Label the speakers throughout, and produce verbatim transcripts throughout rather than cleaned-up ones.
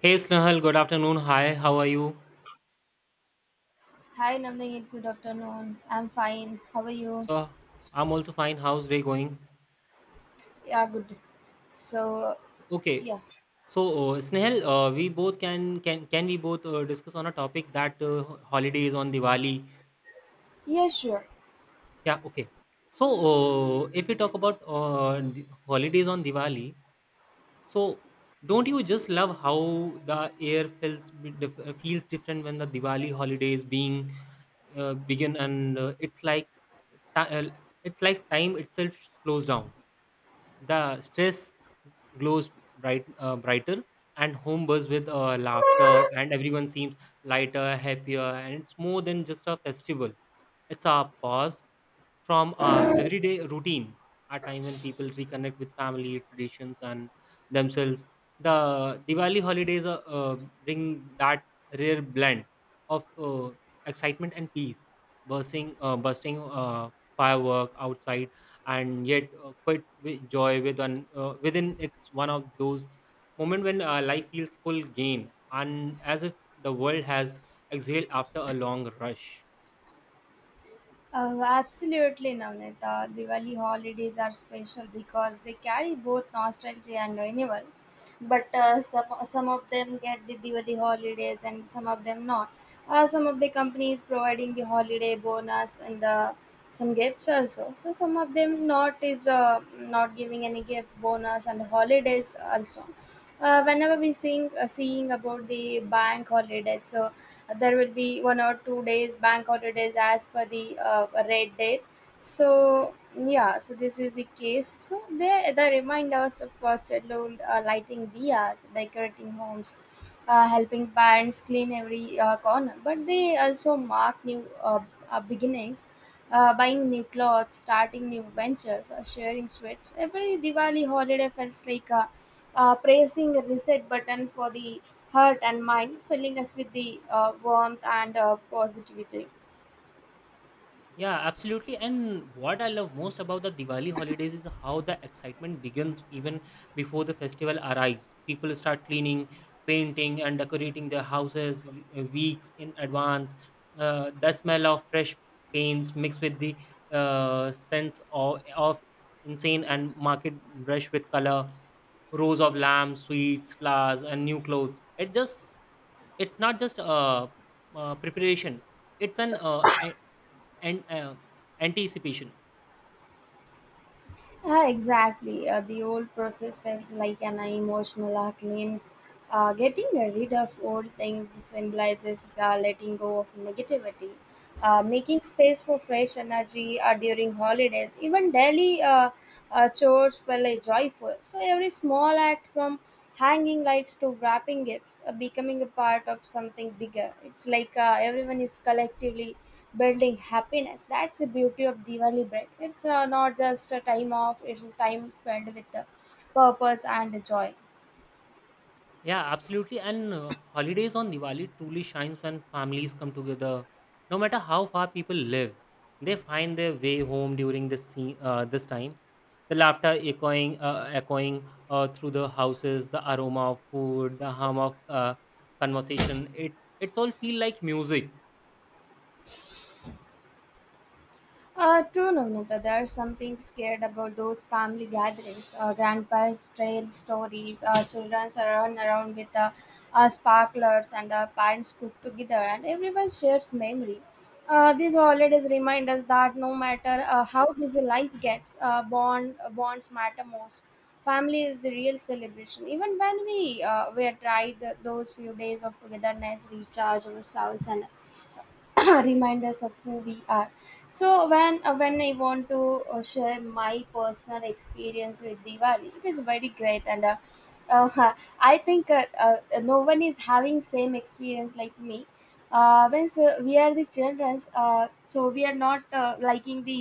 Speaker 1: Hey Snehal, good afternoon. Hi, how are you?
Speaker 2: Hi, Namdeep. Good afternoon. I'm fine. How are you?
Speaker 1: So, I'm also fine. How's day going?
Speaker 2: Yeah, good. So,
Speaker 1: Okay.
Speaker 2: yeah.
Speaker 1: So, uh, Snehal, uh, we both can can can we both uh, discuss on a topic that uh, holidays on Diwali?
Speaker 2: Yeah, sure.
Speaker 1: Yeah, okay. So, uh, if we talk about uh, the holidays on Diwali, so don't you just love how the air feels bi- dif- uh, feels different when the Diwali holidays being uh, begin, and uh, it's like ti- uh, it's like time itself slows down. The stress glows bright, uh, brighter, and home buzz with uh, laughter, and everyone seems lighter, happier, and it's more than just a festival. It's a pause from our everyday routine, a time when people reconnect with family, traditions, and themselves. The Diwali holidays uh, uh, bring that rare blend of uh, excitement and peace, bursting, uh, bursting uh, firework outside, and yet uh, quite with joy with an, uh, within. It's one of those moment when uh, life feels full gain, and as if the world has exhaled after a long rush.
Speaker 2: Uh, absolutely, Navnita. Diwali holidays are special because they carry both nostalgia and renewal. But uh, some, some of them get the Diwali holidays and some of them not. Uh, some of the companies providing the holiday bonus and the some gifts also. So some of them not is uh, not giving any gift bonus and holidays also. Uh, whenever we sing uh, seeing about the bank holidays, so there will be one or two days bank holidays as per the uh, red date. So yeah, so this is the case, so they they remind us of uh, childhood, uh, lighting diyas, decorating homes, uh, helping parents clean every uh, corner, but they also mark new uh, uh, beginnings, uh, buying new clothes, starting new ventures, or sharing sweets. Every Diwali holiday feels like uh, uh, pressing a reset button for the heart and mind, filling us with the uh, warmth and uh, positivity.
Speaker 1: Yeah, absolutely. And what I love most about the Diwali holidays is how the excitement begins even before the festival arrives. People start cleaning, painting, and decorating their houses w- uh, weeks in advance. Uh, the smell of fresh paints mixed with the uh, sense of, of insane and market rush with color, rows of lamps, sweets, flowers, and new clothes. It just it's not just uh, uh, preparation. It's an uh, e- and uh, anticipation.
Speaker 2: Uh, exactly. Uh, the old process feels like an emotional uh, cleanse. Uh, getting rid of old things symbolizes the letting go of negativity. Uh, making space for fresh energy uh, during holidays, even daily uh, uh, chores feel uh, joyful. So every small act, from hanging lights to wrapping gifts, uh, becoming a part of something bigger. It's like uh, everyone is collectively building happiness. That's the beauty of Diwali break. It's uh, not just a time off, it's a time filled with the purpose and joy.
Speaker 1: Yeah, absolutely. And uh, holidays on Diwali truly shines when families come together, no matter how far people live. They find their way home during this se- uh, this time. The laughter echoing uh, echoing uh, through the houses, the aroma of food, the hum of uh, conversation. It it's all feel like music.
Speaker 2: Uh, true, Navnita. There's something scared about those family gatherings. Uh, grandpa's trail stories, uh, children's run around with uh, uh, sparklers, and uh, parents cook together, and everyone shares memory. Uh, these holidays remind us that no matter uh, how busy life gets, uh, bond bonds matter most. Family is the real celebration. Even when we uh, we tried th- those few days of togetherness, recharge ourselves, and reminders of who we are. So when uh, when I want to uh, share my personal experience with Diwali, it is very great, and uh, uh, I think uh, uh, no one is having same experience like me. Uh, when, so we are the children, uh, so we are not uh, liking the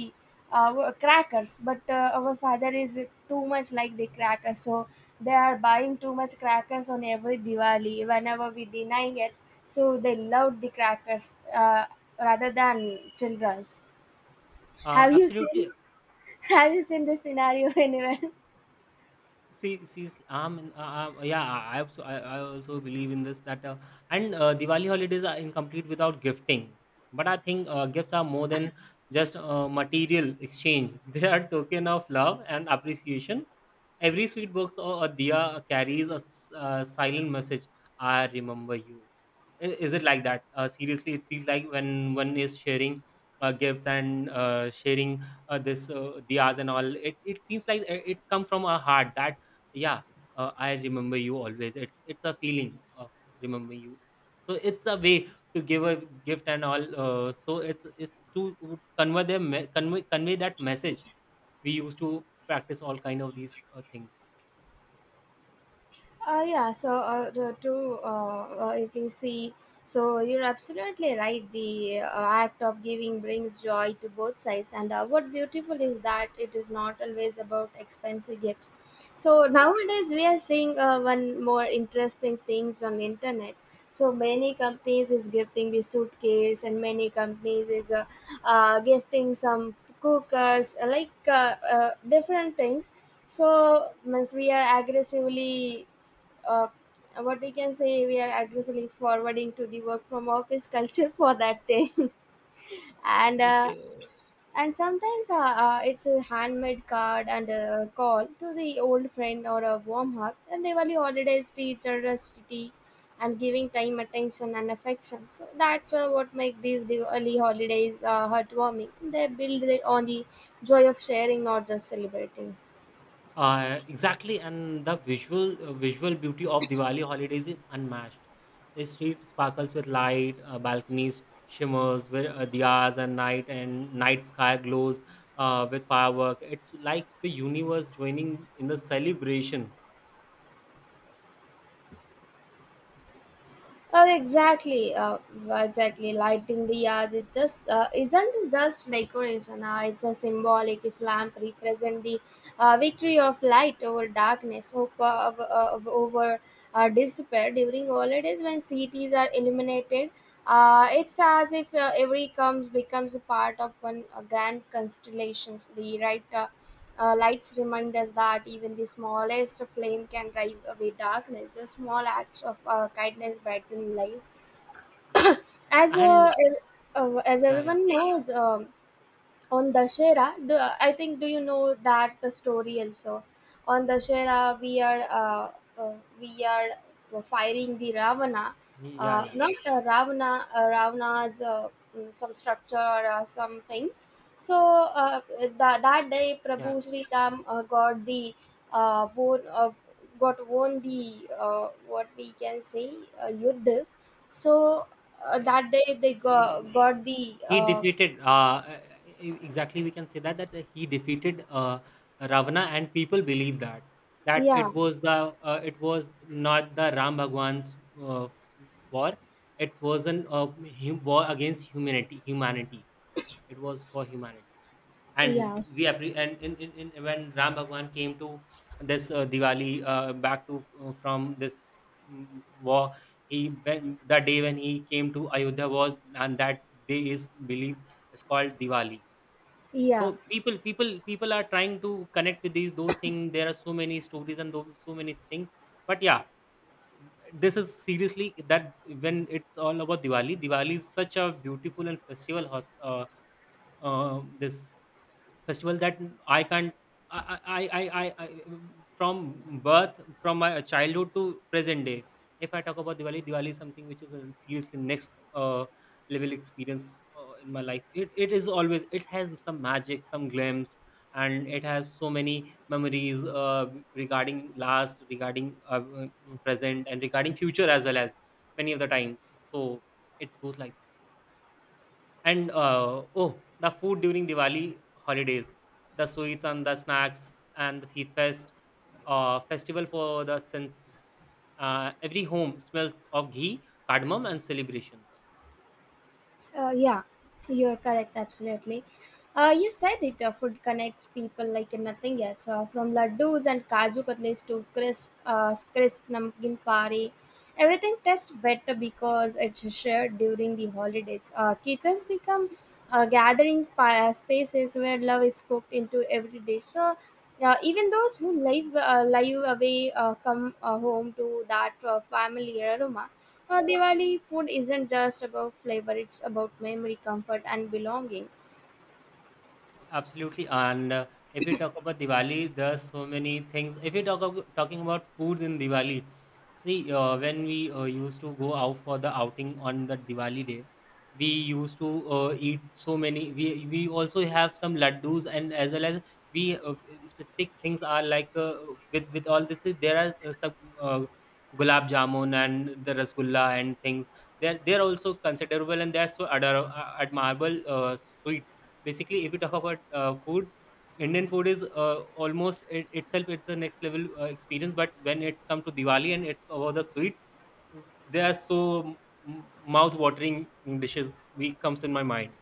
Speaker 2: uh, crackers, but uh, our father is too much like the crackers, so they are buying too much crackers on every Diwali whenever we denying it. So they loved the crackers uh, rather than children's.
Speaker 1: uh,
Speaker 2: Have you
Speaker 1: Absolutely.
Speaker 2: seen? Have you seen this scenario anywhere?
Speaker 1: See, see, s- um, and, uh, uh, yeah, I I also, I, I also believe in this that, uh, and uh, Diwali holidays are incomplete without gifting. But I think uh, gifts are more than just uh, material exchange. They are token of love and appreciation. Every sweet box or a diya carries a s- uh, silent message. I remember you. I- Is it like that? Uh, seriously, it feels like when one is sharing uh, gifts and uh, sharing uh, this uh, diyas and all, it, it seems like it, it comes from our heart. That, yeah, uh, I remember you always. It's it's a feeling of remember you. So it's a way to give a gift and all. Uh, so it's it's to convey them convey convey that message. We used to practice all kind of these uh, things.
Speaker 2: Uh, yeah, so uh, to, to, uh, uh, if you see, so you're absolutely right. The uh, act of giving brings joy to both sides, and uh, what beautiful is that it is not always about expensive gifts. So nowadays we are seeing uh, one more interesting things on internet. So many companies is gifting the suitcase, and many companies is uh, uh, gifting some cookers, like uh, uh, different things. So means we are aggressively uh, what we can say, we are aggressively forwarding to the work from office culture for that thing
Speaker 1: Oh,
Speaker 2: and uh,
Speaker 1: okay.
Speaker 2: and sometimes uh, uh, it's a handmade card and a call to the old friend or a warm hug, and they holidays to each other's tea, and giving time, attention and affection. So that's uh, what make these Diwali holidays uh, heartwarming. They build on the joy of sharing, not just celebrating.
Speaker 1: Uh, exactly, and the visual uh, visual beauty of Diwali holidays is unmatched. The street sparkles with light, uh, balconies shimmers, with uh, diyas and night, and night sky glows uh, with firework. It's like the universe joining in the celebration.
Speaker 2: Oh, exactly, uh, exactly. Lighting the yards, it just uh, isn't just decoration. Uh, it's a symbolic. Its lamp represent the uh, victory of light over darkness, hope of, of, over uh, despair. During holidays, when cities are illuminated, uh, it's as if uh, every comes becomes a part of one uh, grand constellations. The right uh, uh, lights remind us that even the smallest flame can drive away darkness. The small acts of uh, kindness brighten lives. As
Speaker 1: And
Speaker 2: uh, el- uh, as
Speaker 1: yeah, yeah,
Speaker 2: everyone knows, um, on Dashera, do, I think do you know that story also? On Dashera, we are uh, uh, we are firing the Ravana,
Speaker 1: yeah,
Speaker 2: uh,
Speaker 1: yeah.
Speaker 2: not uh, Ravana, uh, Ravana's uh, mm, some structure or uh, something. So uh, that that day,
Speaker 1: Yeah.
Speaker 2: Prabhu Sri Ram uh, got the uh, won, uh, got won the uh, what we can say uh, Yuddha. So uh, that day they
Speaker 1: Yeah.
Speaker 2: got, got the
Speaker 1: He
Speaker 2: uh,
Speaker 1: defeated uh, e- e, Exactly. We can say that that he defeated uh, Ravana, and people believe that that
Speaker 2: yeah,
Speaker 1: it was the uh, it was not the Ram Bhagwan's uh, war. It was an uh, hu- war against humanity. Humanity, it was for humanity. and
Speaker 2: yeah.
Speaker 1: we appre- and in, in, in when Ram Bhagwan came to this uh, Diwali uh, back to, uh, from this mm, war. He, when the day when he came to Ayodhya was, and that day is believed is called Diwali. So
Speaker 2: Yeah,
Speaker 1: people people people are trying to connect with these those things. There are so many stories and those, so many things. But yeah, this is seriously that, when it's all about Diwali. Diwali is such a beautiful and festival hos- uh, uh, this festival that I can't. I, I, I, I, I from birth, from my childhood to present day. If I talk about Diwali, Diwali is something which is a seriously next uh, level experience uh, in my life. It, it is always, it has some magic, some glimpse, and it has so many memories uh, regarding last, regarding uh, uh, present, and regarding future as well as many of the times. So it goes like that. And uh, oh, the food during Diwali holidays, the sweets and the snacks and the feet fest, uh, festival for the sense. Uh, every home smells of ghee, cardamom, and celebrations.
Speaker 2: uh, yeah, you're correct, absolutely. Uh, you said it, uh, food connects people like nothing else. Uh, from laddus and kaju katlis to crisp, uh, crisp namkeen pari, everything tastes better because it's shared during the holidays. Uh, kitchens become uh, gathering spa- uh, spaces where love is cooked into every dish. So, uh, even those who live uh, live away uh, come uh, home to that uh, familiar aroma. Uh, Diwali food isn't just about flavor, it's about memory, comfort, and belonging.
Speaker 1: Absolutely. And uh, if we talk about Diwali, there's so many things. If we talk about talking about food in Diwali, see, uh, when we uh, used to go out for the outing on the Diwali day, we used to uh, eat so many. We we also have some laddus, and as well as we uh, specific things are like uh, with with all this. There are uh, some uh, gulab jamun and the rasgulla and things. They're they're also considerable, and they're so ador- admirable uh, sweets. Basically, if you talk about uh, food, Indian food is uh, almost it, itself it's a next level uh, experience, but when it's come to Diwali and it's about the sweets, they are so mouth watering dishes we comes in my mind.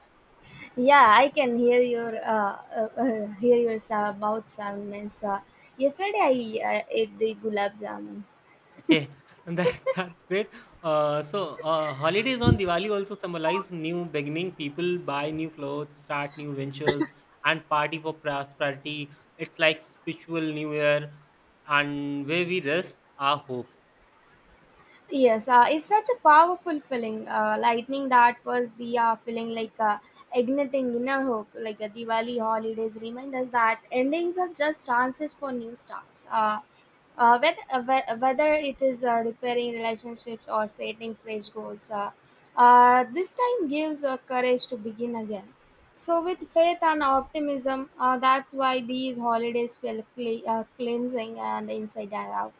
Speaker 2: Yeah, I can hear your uh, uh, uh, hear your sa- mouth sound. Means, Uh, yesterday I uh, ate the gulab jamun.
Speaker 1: Okay, and that that's great. uh, so uh, Holidays on Diwali also symbolize new beginning. People buy new clothes, start new ventures, and party for prosperity. It's like spiritual new year, and where we rest our hopes.
Speaker 2: Yes, uh, it's such a powerful feeling. Uh, lightning that was the uh, feeling like uh, igniting inner hope. Like uh, Diwali holidays remind us that endings are just chances for new starts. Uh, uh, whether, uh, whe- whether it is uh, repairing relationships or setting fresh goals, uh, uh, this time gives uh, courage to begin again. So, with faith and optimism, uh, that's why these holidays feel cle- uh, cleansing and inside and out.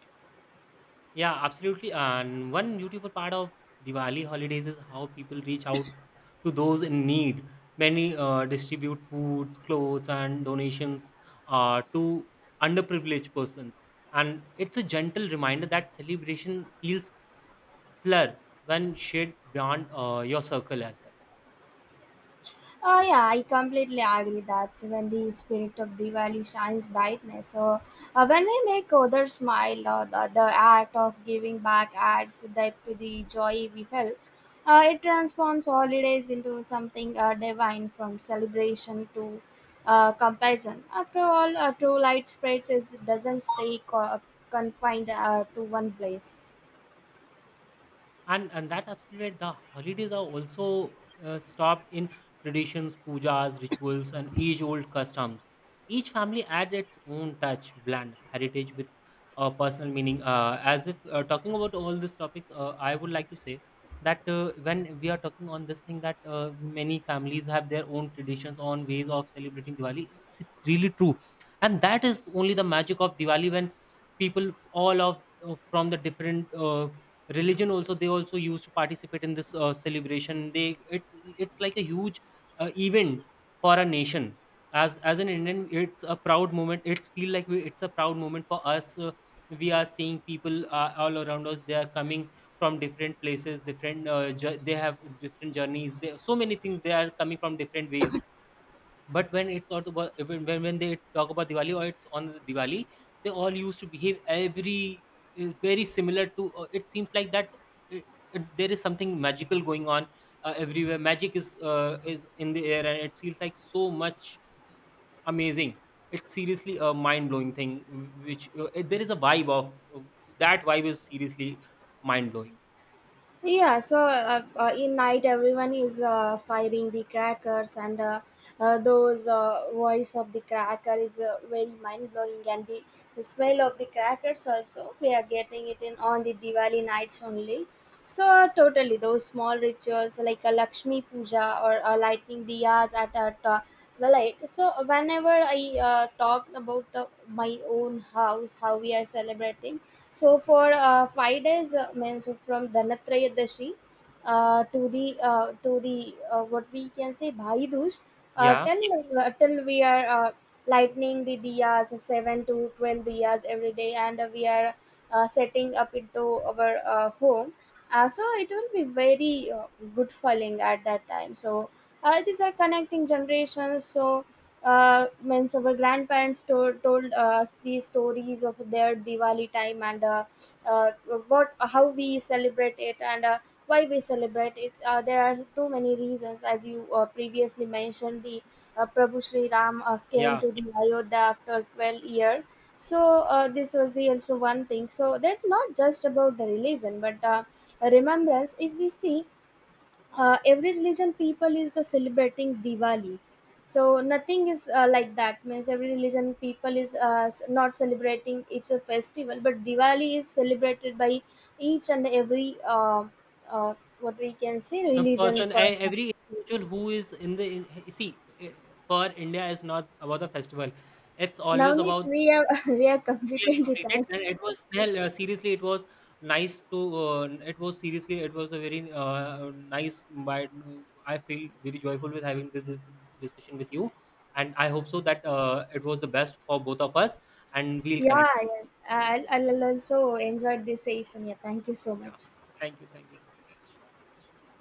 Speaker 1: Yeah, absolutely. And one beautiful part of Diwali holidays is how people reach out to those in need. Many uh, distribute foods, clothes, and donations uh, to underprivileged persons. And it's a gentle reminder that celebration feels fuller when shared beyond uh, your circle as well.
Speaker 2: Oh yeah, I completely agree that when the spirit of Diwali shines brightness. So uh, when we make others smile, or the, the act of giving back adds depth to the joy we felt. Uh, it transforms holidays into something uh, divine, from celebration to uh, compassion. After all, a true light spreads is, doesn't stay co- confined uh, to one place.
Speaker 1: and and that's absolutely right. The holidays are also uh, stopped in traditions, pujas, rituals, and age-old customs. Each family adds its own touch, blend heritage with uh, personal meaning. Uh, as if uh, talking about all these topics, uh, I would like to say that uh, when we are talking on this thing, that uh, many families have their own traditions, own ways of celebrating Diwali. It's really true, and that is only the magic of Diwali, when people all of uh, from the different uh, religion also, they also used to participate in this uh, celebration. They it's it's like a huge uh, event for a nation. As as an Indian, it's a proud moment. It's feel like we, it's a proud moment for us. Uh, we are seeing people uh, all around us. They are coming from different places, different uh, jour- they have different journeys. They, so many things, they are coming from different ways. But when it's all about, when when when they talk about Diwali or it's on the Diwali, they all used to behave every uh, very similar to. Uh, it seems like that uh, uh, there is something magical going on uh, everywhere. Magic is uh, is in the air, and it feels like so much amazing. It's seriously a mind blowing thing. W- Which uh, it- there is a vibe of uh, that vibe is seriously mind blowing.
Speaker 2: Yeah, so uh, uh, in night everyone is uh, firing the crackers, and uh, uh, those uh, voice of the cracker is uh, very mind blowing, and the, the smell of the crackers also we are getting it in on the Diwali nights only. So uh, totally those small rituals like a Lakshmi puja or uh, lighting diyas at at uh, the light. So whenever I uh, talk about uh, my own house, how we are celebrating, so
Speaker 1: Okay.
Speaker 2: for uh, five days, uh, means from Dhanathrayadashi uh, to the uh, to the uh, what we can say Bhai Dooj, uh,
Speaker 1: Yeah,
Speaker 2: till uh, till we are uh, lightning the diyas seven to twelve diyas every day, and uh, we are uh, setting up into our uh, home. Uh, so it will be very uh, good feeling at that time. So uh, these are connecting generations. So uh, means our grandparents to- told us these stories of their Diwali time, and uh, uh, what how we celebrate it, and uh, why we celebrate it. Uh, there are too many reasons, as you uh, previously mentioned. The uh, Prabhu Sri Ram uh, came
Speaker 1: yeah.
Speaker 2: to the Ayodhya after twelve years. So uh, this was the also one thing. So that's not just about the religion, but uh, remembrance. If we see, uh, every religion people is uh, celebrating Diwali. So nothing is uh, like that, means every religion people is uh, s- not celebrating it's a festival, but Diwali is celebrated by each and every uh, uh, what we can say
Speaker 1: A
Speaker 2: religion
Speaker 1: person, e-
Speaker 2: person.
Speaker 1: every individual who is in the in, see eh, for India, is not about the festival. It's always
Speaker 2: Navneet,
Speaker 1: about,
Speaker 2: we have we have
Speaker 1: we
Speaker 2: completed
Speaker 1: have
Speaker 2: the
Speaker 1: completed,
Speaker 2: time.
Speaker 1: and it was hell, uh, seriously. It was nice to uh, it was seriously It was a very uh, nice. But I feel very joyful with having this dis- discussion with you, and I hope so that uh, it was the best for both of us, and we'll
Speaker 2: Yeah,
Speaker 1: connect soon.
Speaker 2: yeah. I'll,
Speaker 1: Okay.
Speaker 2: I'll also enjoy this session. Yeah, thank you so
Speaker 1: Yeah,
Speaker 2: much.
Speaker 1: thank you, thank you so much.